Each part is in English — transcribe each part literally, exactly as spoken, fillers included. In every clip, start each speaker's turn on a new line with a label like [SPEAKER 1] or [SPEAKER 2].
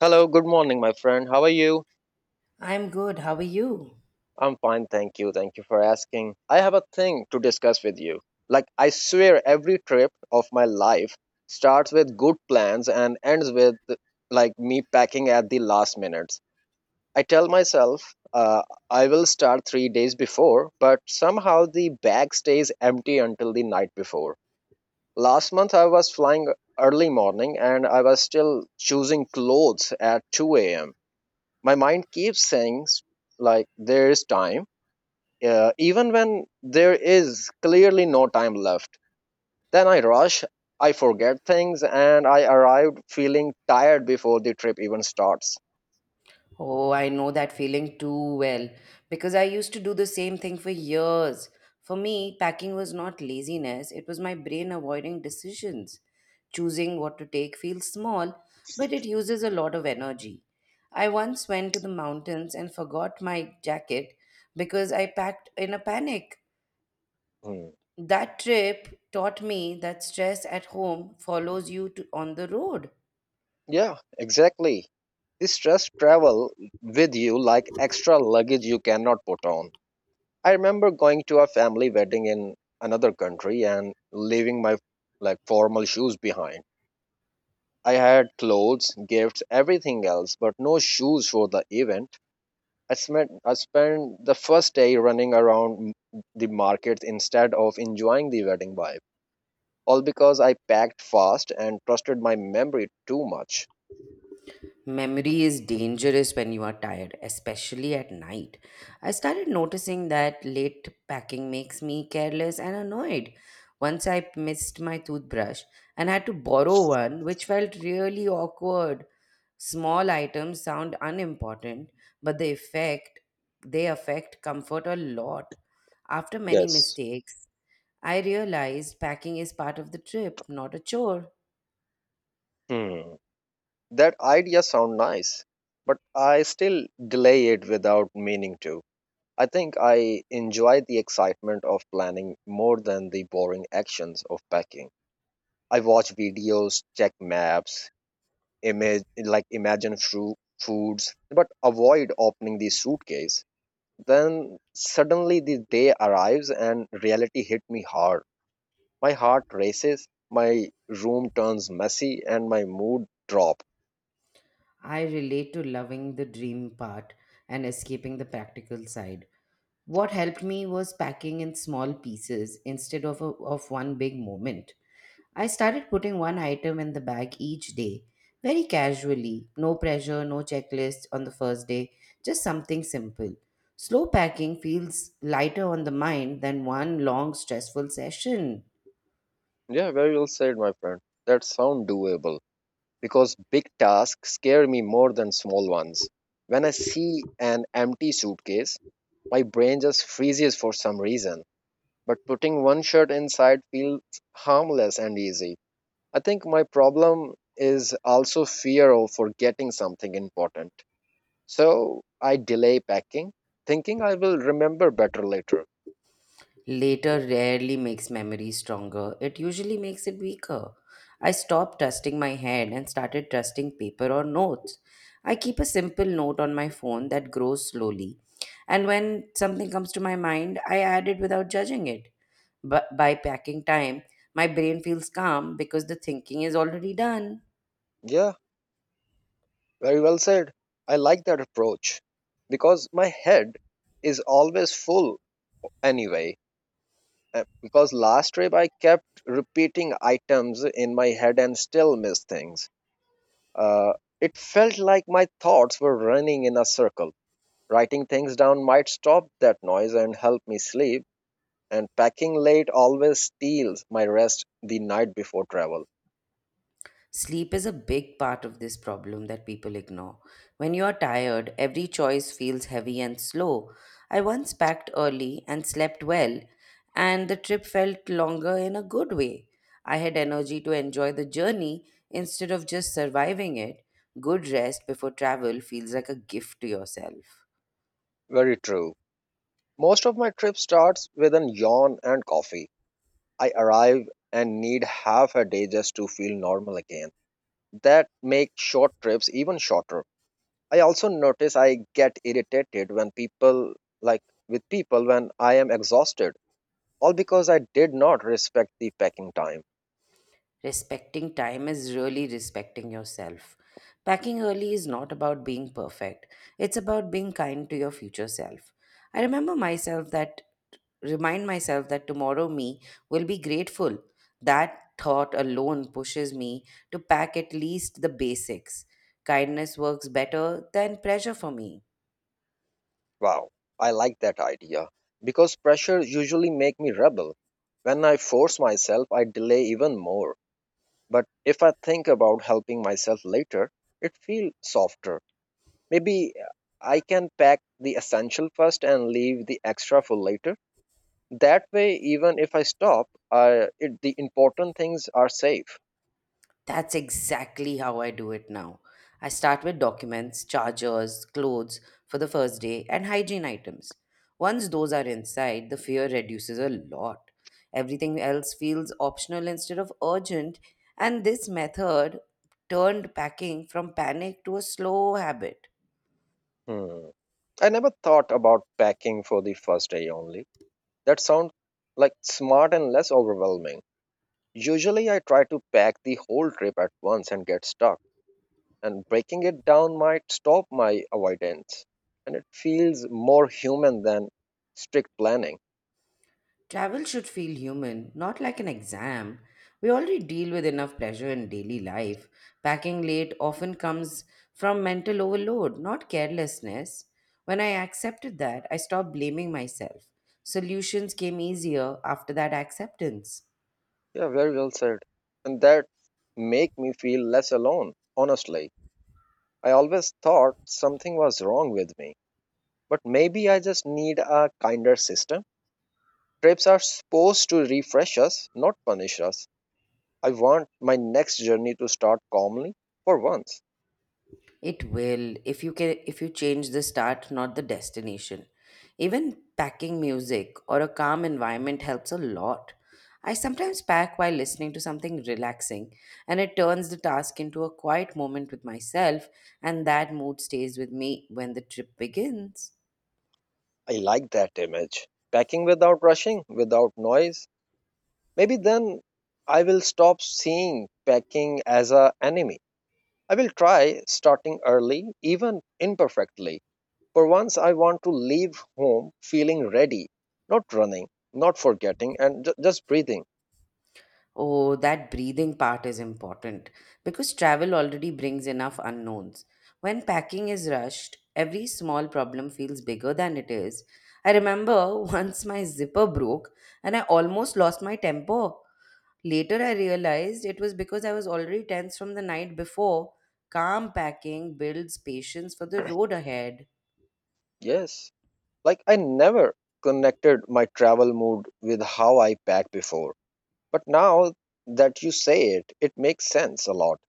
[SPEAKER 1] Hello, good morning, my friend. How are you?
[SPEAKER 2] I'm good. How are you?
[SPEAKER 1] I'm fine, thank you. Thank you for asking. I have a thing to discuss with you. Like, I swear every trip of my life starts with good plans and ends with like me packing at the last minutes. I tell myself uh, I will start three days before, but somehow the bag stays empty until the night before. Last month I was flying early morning and I was still choosing clothes at two a.m. My mind keeps saying s- like there is time, uh, even when there is clearly no time left. Then I rush, I forget things, and I arrived feeling tired before the trip even starts.
[SPEAKER 2] Oh, I know that feeling too well because I used to do the same thing for years. For me, packing was not laziness, it was my brain avoiding decisions. Choosing what to take feels small, but it uses a lot of energy. I once went to the mountains and forgot my jacket because I packed in a panic.
[SPEAKER 1] Hmm.
[SPEAKER 2] That trip taught me that stress at home follows you to, on the road.
[SPEAKER 1] Yeah, exactly. This stress travel with you like extra luggage you cannot put on. I remember going to a family wedding in another country and leaving my like formal shoes behind. I had clothes, gifts, everything else, but no shoes for the event. I spent, I spent the first day running around the markets instead of enjoying the wedding vibe, all because I packed fast and trusted my memory too much.
[SPEAKER 2] Memory is dangerous when you are tired, especially at night. I started noticing that late packing makes me careless and annoyed. Once I missed my toothbrush and had to borrow one, which felt really awkward. Small items sound unimportant, but the effect they affect comfort a lot. After many
[SPEAKER 1] Yes.
[SPEAKER 2] mistakes, I realized packing is part of the trip, not a chore.
[SPEAKER 1] Hmm. That idea sound nice, but I still delay it without meaning to. I think I enjoy the excitement of planning more than the boring actions of packing. I watch videos, check maps, image like imagine fru- foods but avoid opening the suitcase. Then suddenly the day arrives and reality hit me hard. My heart races, my room turns messy, and my mood drop.
[SPEAKER 2] I relate to loving the dream part and escaping the practical side. What helped me was packing in small pieces instead of, a, of one big moment. I started putting one item in the bag each day, very casually, no pressure, no checklist on the first day, just something simple. Slow packing feels lighter on the mind than one long, stressful session.
[SPEAKER 1] Yeah, very well said, my friend. That sound doable because big tasks scare me more than small ones. When I see an empty suitcase, my brain just freezes for some reason, but putting one shirt inside feels harmless and easy. I think my problem is also fear of forgetting something important. So I delay packing, thinking I will remember better later.
[SPEAKER 2] Later rarely makes memory stronger, it usually makes it weaker. I stopped trusting my head and started trusting paper or notes. I keep a simple note on my phone that grows slowly, and when something comes to my mind, I add it without judging it. But by packing time, my brain feels calm because the thinking is already done.
[SPEAKER 1] Yeah, very well said. I like that approach because my head is always full anyway. Uh, Because last trip I kept repeating items in my head and still missed things. Uh, it felt like my thoughts were running in a circle. Writing things down might stop that noise and help me sleep, and packing late always steals my rest the night before travel.
[SPEAKER 2] Sleep is a big part of this problem that people ignore. When you are tired, every choice feels heavy and slow. I once packed early and slept well, and the trip felt longer in a good way. I had energy to enjoy the journey instead of just surviving it. Good rest before travel feels like a gift to yourself.
[SPEAKER 1] Very true. Most of my trip starts with a yawn and coffee. I arrive and need half a day just to feel normal again. That makes short trips even shorter. I also notice I get irritated when people, like with people, when I am exhausted, all because I did not respect the packing time.
[SPEAKER 2] Respecting time is really respecting yourself. Packing early is not about being perfect, it's about being kind to your future self. I remember myself that remind myself that tomorrow me will be grateful. That thought alone pushes me to pack at least the basics. Kindness works better than pressure for me.
[SPEAKER 1] Wow, I like that idea because pressure usually make me rebel. When I force myself, I delay even more. But if I think about helping myself later, it feels softer. Maybe I can pack the essential first and leave the extra for later. That way, even if I stop, I, it, the important things are safe.
[SPEAKER 2] That's exactly how I do it now. I start with documents, chargers, clothes for the first day, and hygiene items. Once those are inside, the fear reduces a lot. Everything else feels optional instead of urgent, and this method turned packing from panic to a slow habit.
[SPEAKER 1] Hmm. I never thought about packing for the first day only. That sounds like smart and less overwhelming. Usually, I try to pack the whole trip at once and get stuck, and breaking it down might stop my avoidance. And it feels more human than strict planning.
[SPEAKER 2] Travel should feel human, not like an exam. We already deal with enough pleasure in daily life. Packing late often comes from mental overload, not carelessness. When I accepted that, I stopped blaming myself. Solutions came easier after that acceptance.
[SPEAKER 1] Yeah, very well said. And that make me feel less alone, honestly. I always thought something was wrong with me, but maybe I just need a kinder system. Trips are supposed to refresh us, not punish us. I want my next journey to start calmly for once.
[SPEAKER 2] It will if you can if you change the start, not the destination. Even packing music or a calm environment helps a lot. I sometimes pack while listening to something relaxing, and it turns the task into a quiet moment with myself, and that mood stays with me when the trip begins.
[SPEAKER 1] I like that image. Packing without rushing, without noise. Maybe then I will stop seeing packing as an enemy. I will try starting early, even imperfectly. For once, I want to leave home feeling ready, not running, not forgetting, and ju- just breathing.
[SPEAKER 2] Oh, that breathing part is important because travel already brings enough unknowns. When packing is rushed, every small problem feels bigger than it is. I remember once my zipper broke and I almost lost my temper. Later, I realized it was because I was already tense from the night before. Calm packing builds patience for the road ahead.
[SPEAKER 1] Yes, like I never connected my travel mood with how I pack before. But now that you say it, it makes sense a lot.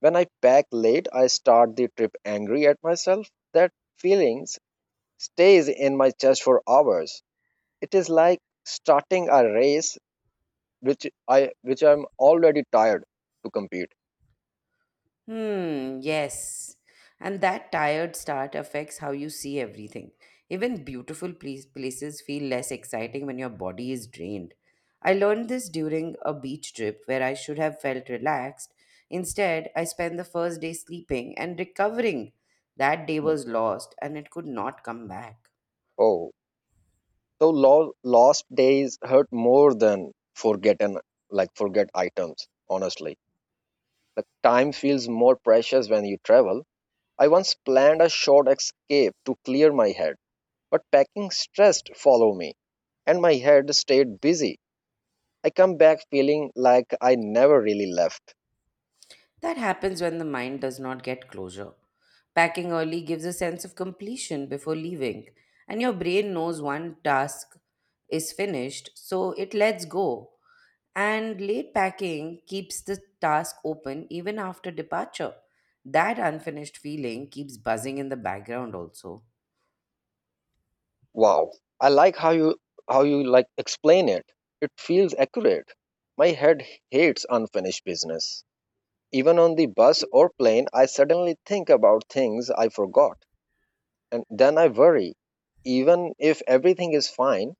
[SPEAKER 1] When I pack late, I start the trip angry at myself. That feelings stays in my chest for hours. It is like starting a race which I which I'm already tired to compete.
[SPEAKER 2] Hmm, yes. And that tired start affects how you see everything. Even beautiful place- places feel less exciting when your body is drained. I learned this during a beach trip where I should have felt relaxed. Instead, I spent the first day sleeping and recovering. That day
[SPEAKER 1] Mm.
[SPEAKER 2] was lost and it could not come back.
[SPEAKER 1] Oh, so lo- lost days hurt more than forgotten like forget items. Honestly, like time feels more precious when you travel. I once planned a short escape to clear my head, but packing stressed follow me, and my head stayed busy. I come back feeling like I never really left.
[SPEAKER 2] That happens when the mind does not get closure. Packing early gives a sense of completion before leaving, and your brain knows one task is finished, so it lets go. And late packing keeps the task open even after departure. That unfinished feeling keeps buzzing in the background also.
[SPEAKER 1] Wow. I like how you how you like explain it. It feels accurate. My head hates unfinished business. Even on the bus or plane, I suddenly think about things I forgot and then I worry. Even if everything is fine,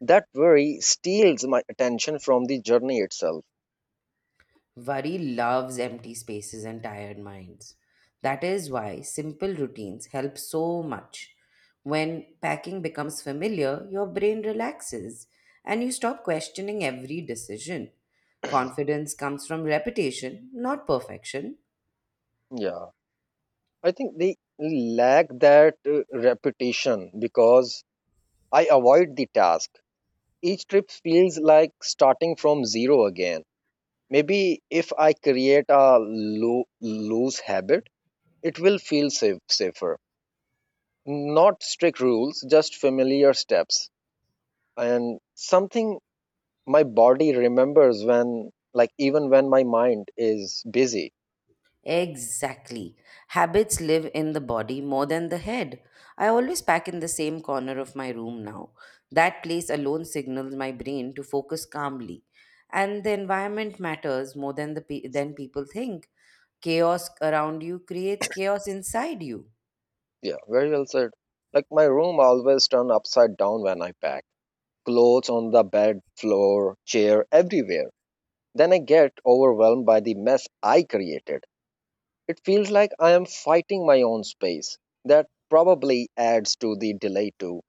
[SPEAKER 1] that worry steals my attention from the journey itself.
[SPEAKER 2] Worry loves empty spaces and tired minds. That is why simple routines help so much. When packing becomes familiar, your brain relaxes and you stop questioning every decision. Confidence comes from repetition, not perfection.
[SPEAKER 1] Yeah. I think they lack that uh, repetition because I avoid the task. Each trip feels like starting from zero again. Maybe if I create a loo- loose habit, it will feel safe, safer. Not strict rules, just familiar steps and something my body remembers when, like, even when my mind is busy.
[SPEAKER 2] Exactly. Habits live in the body more than the head. I always pack in the same corner of my room now. That place alone signals my brain to focus calmly. And the environment matters more than the pe- than people think. Chaos around you creates chaos inside you.
[SPEAKER 1] Yeah, very well said. Like, my room always turn upside down when I pack. Clothes on the bed, floor, chair, everywhere. Then I get overwhelmed by the mess I created. It feels like I am fighting my own space. That probably adds to the delay too.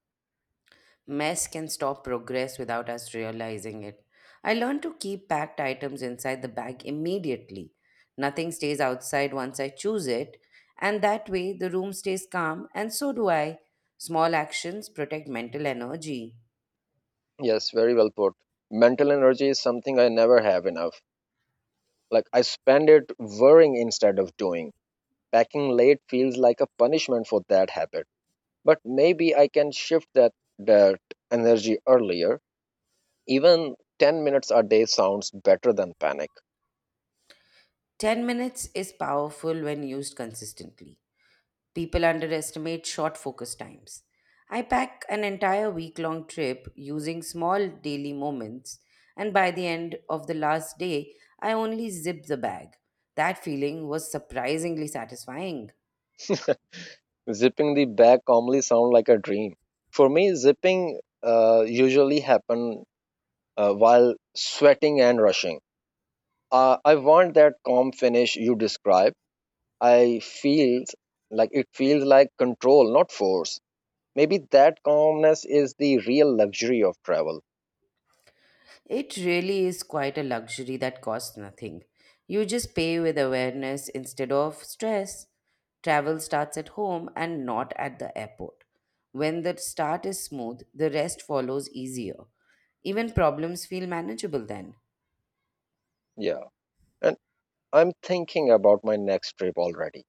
[SPEAKER 2] Mess can stop progress without us realizing it. I learned to keep packed items inside the bag immediately. Nothing stays outside once I choose it, and that way the room stays calm, and so do I. Small actions protect mental energy.
[SPEAKER 1] Yes, very well put. Mental energy is something I never have enough. Like I spend it worrying instead of doing. Packing late feels like a punishment for that habit. But maybe I can shift that that energy earlier. Even ten minutes a day sounds better than panic.
[SPEAKER 2] ten minutes is powerful when used consistently. People underestimate short focus times. I pack an entire week long trip using small daily moments, and by the end of the last day, I only zip the bag. That feeling was surprisingly satisfying.
[SPEAKER 1] Zipping the bag calmly sounds like a dream. For me, zipping uh, usually happen uh, while sweating and rushing. Uh, I want that calm finish you describe. I feels like it feels like control, not force. Maybe that calmness is the real luxury of travel.
[SPEAKER 2] It really is quite a luxury that costs nothing. You just pay with awareness instead of stress. Travel starts at home and not at the airport. When the start is smooth, the rest follows easier. Even problems feel manageable then.
[SPEAKER 1] Yeah, and I'm thinking about my next trip already.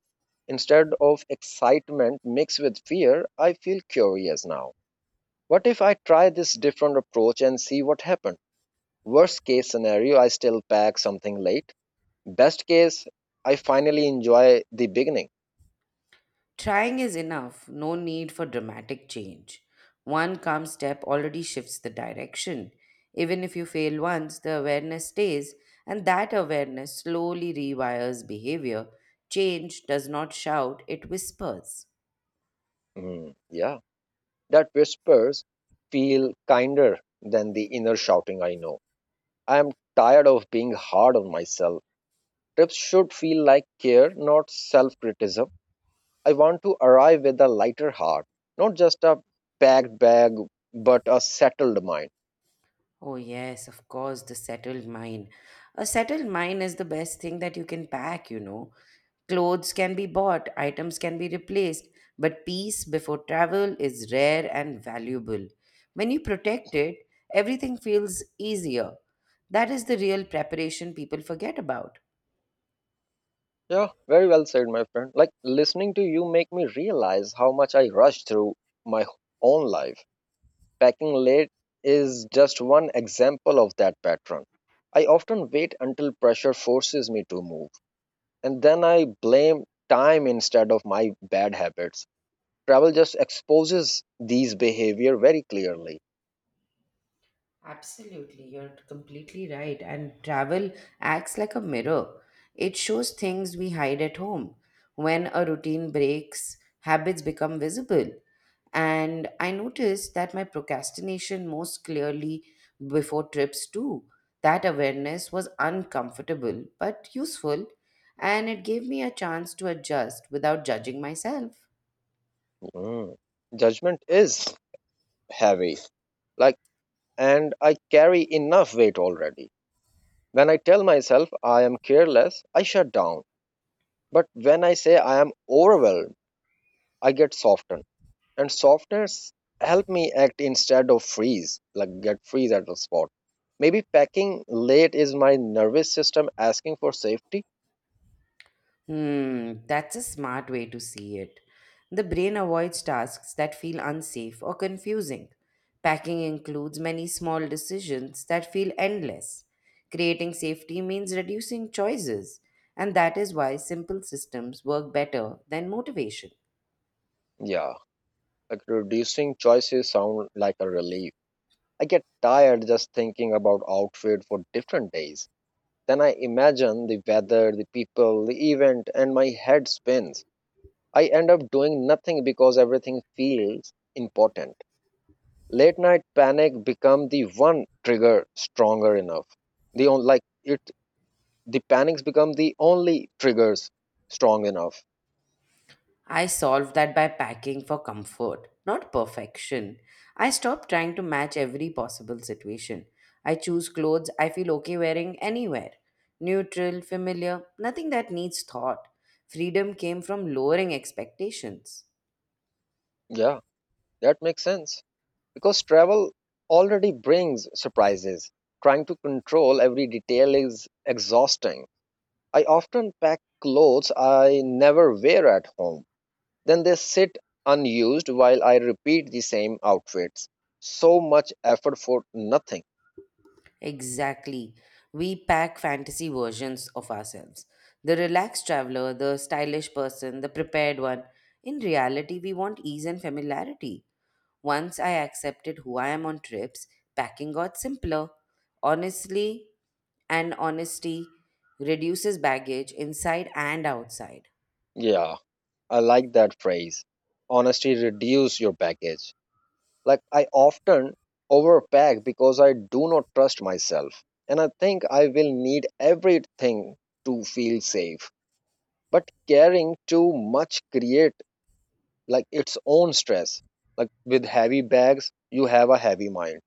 [SPEAKER 1] Instead of excitement mixed with fear, I feel curious now. What if I try this different approach and see what happens? Worst case scenario, I still pack something late. Best case, I finally enjoy the beginning.
[SPEAKER 2] Trying is enough, no need for dramatic change. One calm step already shifts the direction. Even if you fail once, the awareness stays, and that awareness slowly rewires behavior. Change does not shout, it whispers.
[SPEAKER 1] Mm, yeah, that whispers feel kinder than the inner shouting I know. I am tired of being hard on myself. Trips should feel like care, not self criticism. I want to arrive with a lighter heart, not just a packed bag, but a settled mind.
[SPEAKER 2] Oh, yes, of course, the settled mind. A settled mind is the best thing that you can pack, you know. Clothes can be bought, items can be replaced, but peace before travel is rare and valuable. When you protect it, everything feels easier. That is the real preparation people forget about.
[SPEAKER 1] Yeah, very well said, my friend. Like listening to you make me realize how much I rush through my own life. Packing late is just one example of that pattern. I often wait until pressure forces me to move, and then I blame time instead of my bad habits. Travel just exposes these behavior very clearly.
[SPEAKER 2] Absolutely, you're completely right. And travel acts like a mirror. It shows things we hide at home. When a routine breaks, habits become visible. And I noticed that my procrastination most clearly before trips, too. That awareness was uncomfortable but useful, and it gave me a chance to adjust without judging myself.
[SPEAKER 1] Mm. Judgment is heavy, like, and I carry enough weight already. When I tell myself I am careless, I shut down. But when I say I am overwhelmed, I get softened, and softness help me act instead of freeze like get freeze at the spot. Maybe packing late is my nervous system asking for safety.
[SPEAKER 2] Hmm, that's a smart way to see it. The brain avoids tasks that feel unsafe or confusing. Packing includes many small decisions that feel endless. Creating safety means reducing choices, and that is why simple systems work better than motivation.
[SPEAKER 1] Yeah, like reducing choices sound like a relief. I get tired just thinking about outfit for different days. Then I imagine the weather, the people, the event, and my head spins. I end up doing nothing because everything feels important. Late night panic become the one trigger stronger enough the on like it The panics become the only triggers strong enough.
[SPEAKER 2] I solved that by packing for comfort, not perfection. I stopped trying to match every possible situation. I choose clothes I feel okay wearing anywhere. Neutral, familiar, nothing that needs thought. Freedom came from lowering expectations.
[SPEAKER 1] Yeah, that makes sense because travel already brings surprises. Trying to control every detail is exhausting. I often pack clothes I never wear at home, then they sit unused while I repeat the same outfits. So much effort for nothing.
[SPEAKER 2] Exactly. We pack fantasy versions of ourselves. The relaxed traveler, the stylish person, the prepared one. In reality, we want ease and familiarity. Once I accepted who I am on trips, packing got simpler. Honestly, and honesty reduces baggage inside and outside.
[SPEAKER 1] Yeah, I like that phrase. Honesty reduce your baggage. Like I often overpack because I do not trust myself and I think I will need everything to feel safe. But carrying too much create like its own stress. Like with heavy bags, you have a heavy mind.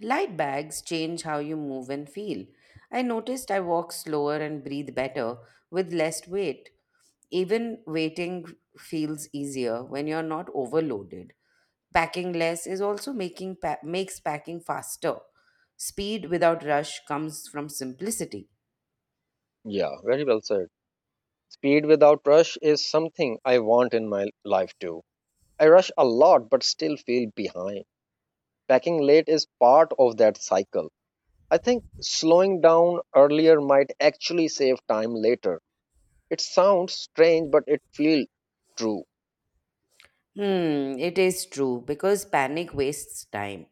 [SPEAKER 2] Light bags change how you move and feel. I noticed I walk slower and breathe better with less weight. Even waiting feels easier when you're not overloaded. Packing less is also making pa- makes packing faster. Speed without rush comes from simplicity.
[SPEAKER 1] Yeah, very well said. Speed without rush is something I want in my life too. I rush a lot but still feel behind. Packing late is part of that cycle. I think slowing down earlier might actually save time later. It sounds strange, but it feels true.
[SPEAKER 2] Hmm, it is true because panic wastes time.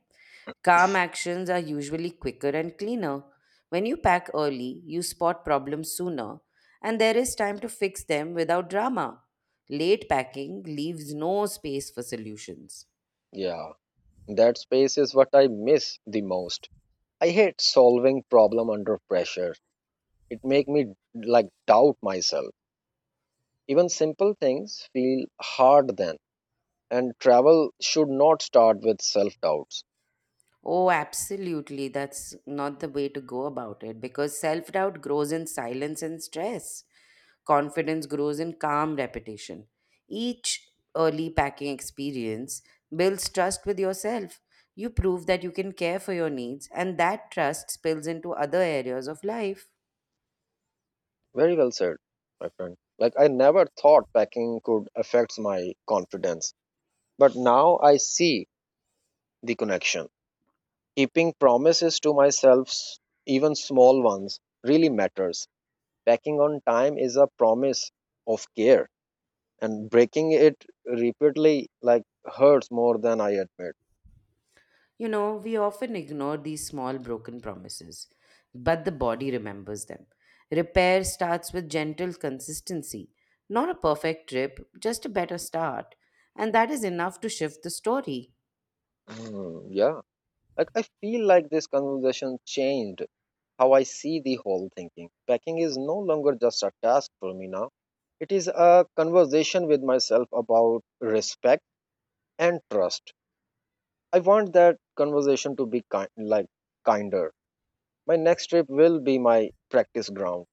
[SPEAKER 2] Calm actions are usually quicker and cleaner. When you pack early, you spot problems sooner, and there is time to fix them without drama. Late packing leaves no space for solutions.
[SPEAKER 1] Yeah, that space is what I miss the most. I hate solving problem under pressure. It make me like doubt myself. Even simple things feel hard then. And travel should not start with self doubts.
[SPEAKER 2] Oh, absolutely. That's not the way to go about it because self doubt grows in silence and stress. Confidence grows in calm repetition. Each early packing experience builds trust with yourself. You prove that you can care for your needs, and that trust spills into other areas of life.
[SPEAKER 1] Very well said, my friend. Like I never thought packing could affect my confidence, but now I see the connection. Keeping promises to myself, s- even small ones, really matters. Packing on time is a promise of care, and breaking it repeatedly like hurts more than I admit.
[SPEAKER 2] You know, we often ignore these small broken promises, but the body remembers them. Repair starts with gentle consistency, not a perfect trip, just a better start. And that is enough to shift the story.
[SPEAKER 1] Hmm, yeah, like I feel like this conversation changed how I see the whole thinking. Packing is no longer just a task for me now. It is a conversation with myself about respect and trust. I want that conversation to be kind, like kinder. My next trip will be my practice ground.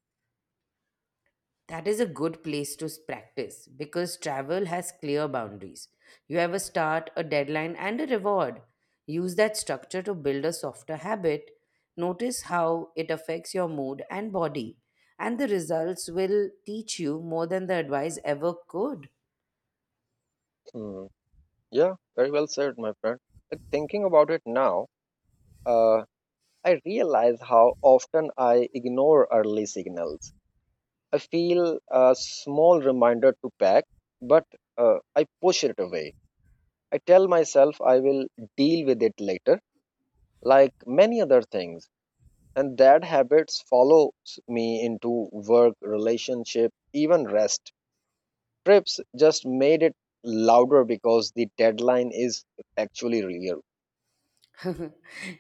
[SPEAKER 2] That is a good place to s- practice because travel has clear boundaries. You have a start, a deadline, and a reward. Use that structure to build a softer habit. Notice how it affects your mood and body, and the results will teach you more than the advice ever could.
[SPEAKER 1] Hmm. Yeah, very well said, my friend. But thinking about it now, uh, I realize how often I ignore early signals. I feel a small reminder to pack, but uh, I push it away. I tell myself I will deal with it later, like many other things. And that habits follows me into work, relationship, even rest. Trips just made it louder because the deadline is actually real.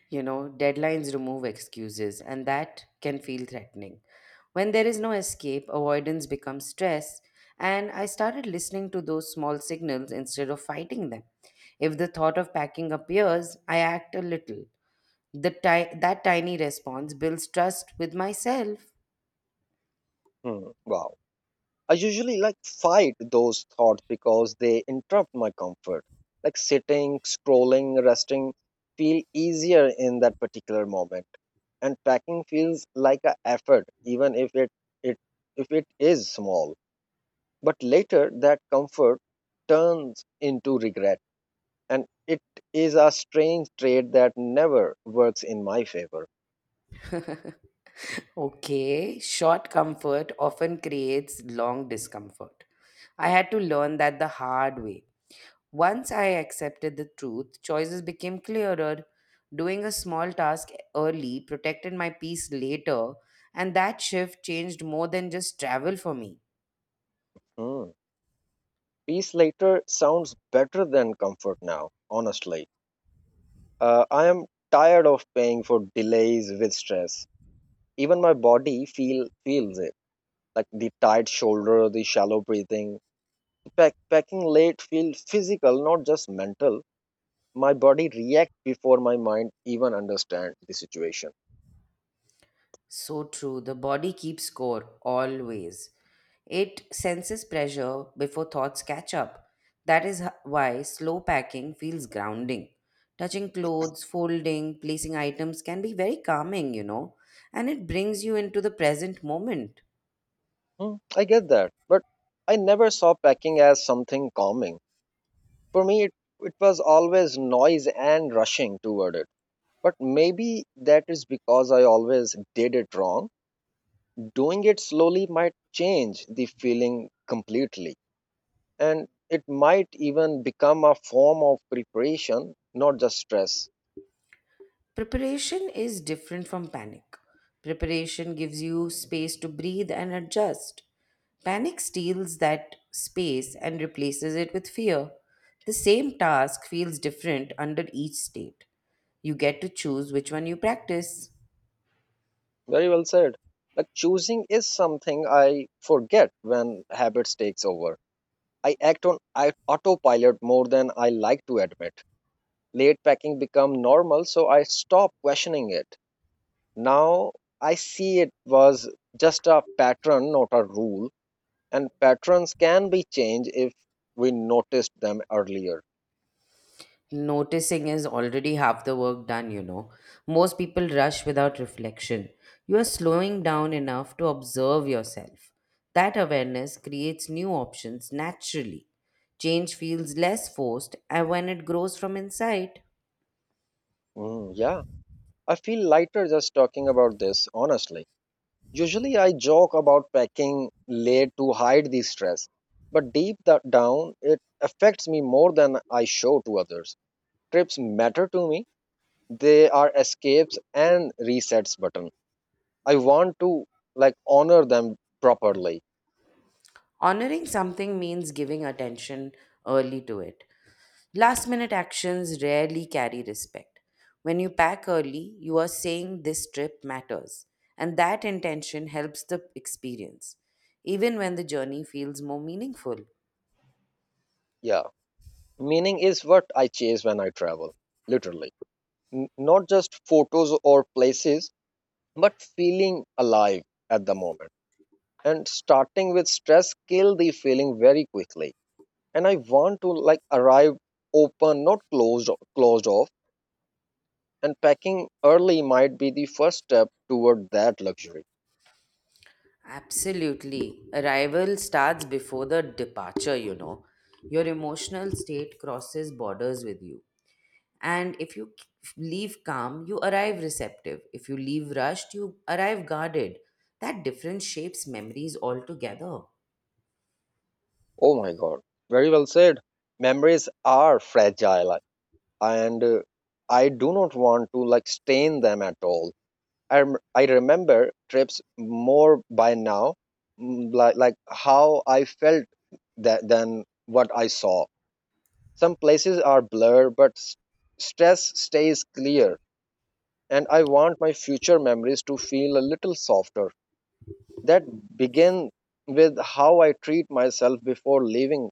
[SPEAKER 2] you know, deadlines remove excuses, and that can feel threatening. When there is no escape, avoidance becomes stress, and I started listening to those small signals instead of fighting them. If the thought of packing appears, I act a little. The ti- that tiny response builds trust with myself.
[SPEAKER 1] Hmm. Wow. I usually like fight those thoughts because they interrupt my comfort. Like sitting, scrolling, resting feel easier in that particular moment. And packing feels like an effort, even if it, it if it is small. But later that comfort turns into regret. And it is a strange trait that never works in my favor.
[SPEAKER 2] Okay, short comfort often creates long discomfort. I had to learn that the hard way. Once I accepted the truth, choices became clearer. Doing a small task early protected my peace later, and that shift changed more than just travel for me.
[SPEAKER 1] Mm, peace later sounds better than comfort now, honestly. Uh, I am tired of paying for delays with stress. Even my body feel feels it, like the tight shoulder, the shallow breathing. Pack, packing late feels physical, not just mental. My body reacts before my mind even understand the situation.
[SPEAKER 2] So true, the body keeps score always. It senses pressure before thoughts catch up. That is h- why slow packing feels grounding. Touching clothes, folding, placing items can be very calming, you know, and it brings you into the present moment.
[SPEAKER 1] Hmm, I get that, but I never saw packing as something calming. For me, it, it was always noise and rushing toward it. But maybe that is because I always did it wrong. Doing it slowly might change the feeling completely. And it might even become a form of preparation, not just stress.
[SPEAKER 2] Preparation is different from panic. Preparation gives you space to breathe and adjust. Panic steals that space and replaces it with fear. The same task feels different under each state. You get to choose which one you practice.
[SPEAKER 1] Very well said. Like choosing is something I forget when habits takes over. I act on I- autopilot more than I like to admit. Late packing become normal, so I stop questioning it. Now I see it was just a pattern, not a rule. And patterns can be changed if we noticed them earlier.
[SPEAKER 2] Noticing is already half the work done, you know. Most people rush without reflection. You are slowing down enough to observe yourself. That awareness creates new options naturally. Change feels less forced and when it grows from inside.
[SPEAKER 1] Mm, yeah, I feel lighter just talking about this, honestly. Usually, I joke about packing late to hide the stress, but deep da- down, it affects me more than I show to others. Trips matter to me, they are escapes and resets button. I want to like honor them properly.
[SPEAKER 2] Honoring something means giving attention early to it. Last minute actions rarely carry respect. When you pack early, you are saying this trip matters, and that intention helps the experience, even when the journey feels more meaningful.
[SPEAKER 1] Yeah, meaning is what I chase when I travel, literally. n- not just photos or places, but feeling alive at the moment. And starting with stress kill the feeling very quickly. And I want to like arrive open, not closed closed off. And packing early might be the first step toward that luxury.
[SPEAKER 2] Absolutely. Arrival starts before the departure, you know. Your emotional state crosses borders with you. And if you leave calm, you arrive receptive. If you leave rushed, you arrive guarded. That difference shapes memories altogether.
[SPEAKER 1] Oh my god. Very well said. Memories are fragile and uh, I do not want to like stain them at all. I, rem- I remember trips more by now, mm, like, like how I felt that, than what I saw. Some places are blurred, but s- stress stays clear. And I want my future memories to feel a little softer. That begin with how I treat myself before leaving.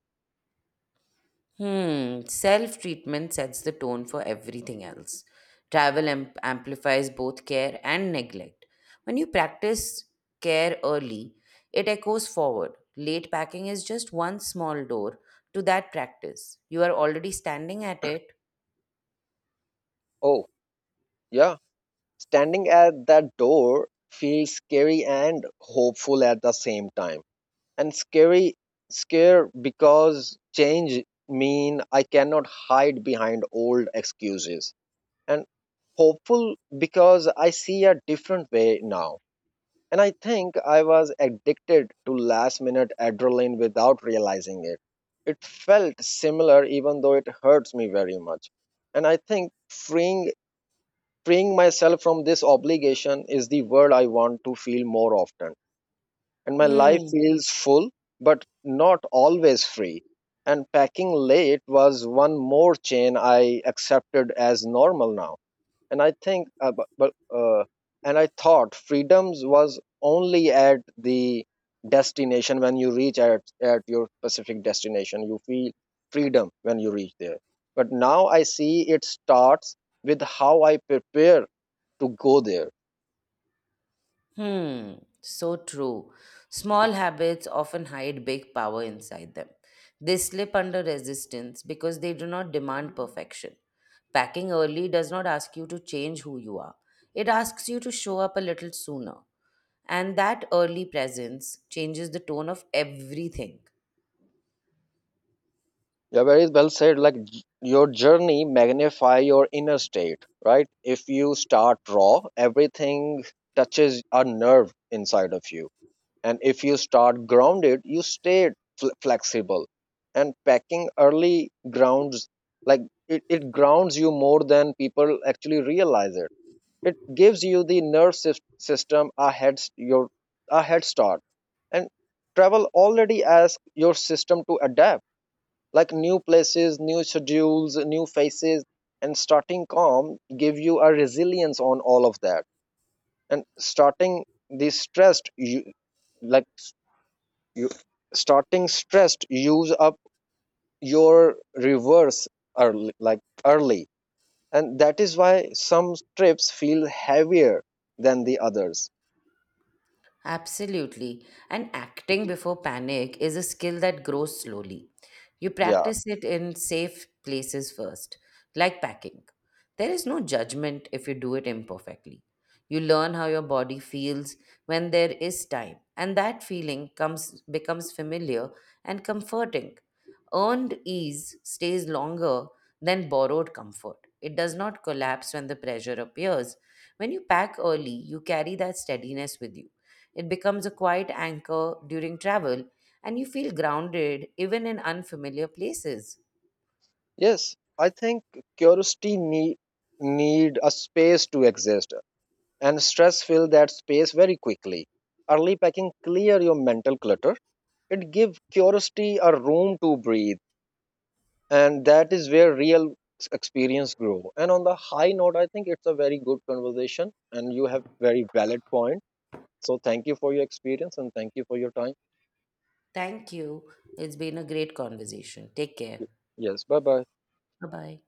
[SPEAKER 2] Hmm, self treatment sets the tone for everything else. Travel amp- amplifies both care and neglect. When you practice care early, it echoes forward. Late packing is just one small door to that practice. You are already standing at it.
[SPEAKER 1] Oh, yeah. Standing at that door feels scary and hopeful at the same time. And scary scare because change mean I cannot hide behind old excuses, and hopeful because I see a different way now. And I think I was addicted to last minute adrenaline without realizing it. It felt similar even though it hurts me very much. And I think freeing freeing myself from this obligation is the word I want to feel more often. And my life
[SPEAKER 2] Hmm.
[SPEAKER 1] feels full but not always free. And packing late was one more chain I accepted as normal now. And I think, uh, bu- but, uh, and I thought freedoms was only at the destination when you reach at, at your specific destination. You feel freedom when you reach there. But now I see it starts with how I prepare to go there.
[SPEAKER 2] Hmm, so true. Small habits often hide big power inside them. They slip under resistance because they do not demand perfection. Packing early does not ask you to change who you are, it asks you to show up a little sooner. And that early presence changes the tone of everything.
[SPEAKER 1] Yeah, very well said. Like j- your journey magnify your inner state, right? If you start raw, everything touches a nerve inside of you. And if you start grounded, you stay fl- flexible. And packing early grounds, like it, it grounds you more than people actually realize it. It gives you the nerve sys- system a head, s- your, a head start. And travel already asks your system to adapt like new places, new schedules, new faces. And starting calm give you a resilience on all of that. And starting the stressed you, like you starting stressed use up your reverse early like early, and that is why some trips feel heavier than the others.
[SPEAKER 2] Absolutely. And acting before panic is a skill that grows slowly. You
[SPEAKER 1] Yeah.
[SPEAKER 2] practice it in safe places first, like packing. There is no judgment if you do it imperfectly. You learn how your body feels when there is time, and that feeling comes becomes familiar and comforting. Earned ease stays longer than borrowed comfort. It does not collapse when the pressure appears. When you pack early, you carry that steadiness with you, it becomes a quiet anchor during travel, and you feel grounded even in unfamiliar places.
[SPEAKER 1] Yes, I think curiosity need need a space to exist, and stress fill that space very quickly. Early packing clear your mental clutter. It gives curiosity a room to breathe, and that is where real experience grow. And on the high note, I think it's a very good conversation, and you have very valid point. So thank you for your experience and thank you for your time.
[SPEAKER 2] Thank you. It's been a great conversation. Take care.
[SPEAKER 1] Yes, bye bye.
[SPEAKER 2] Bye bye.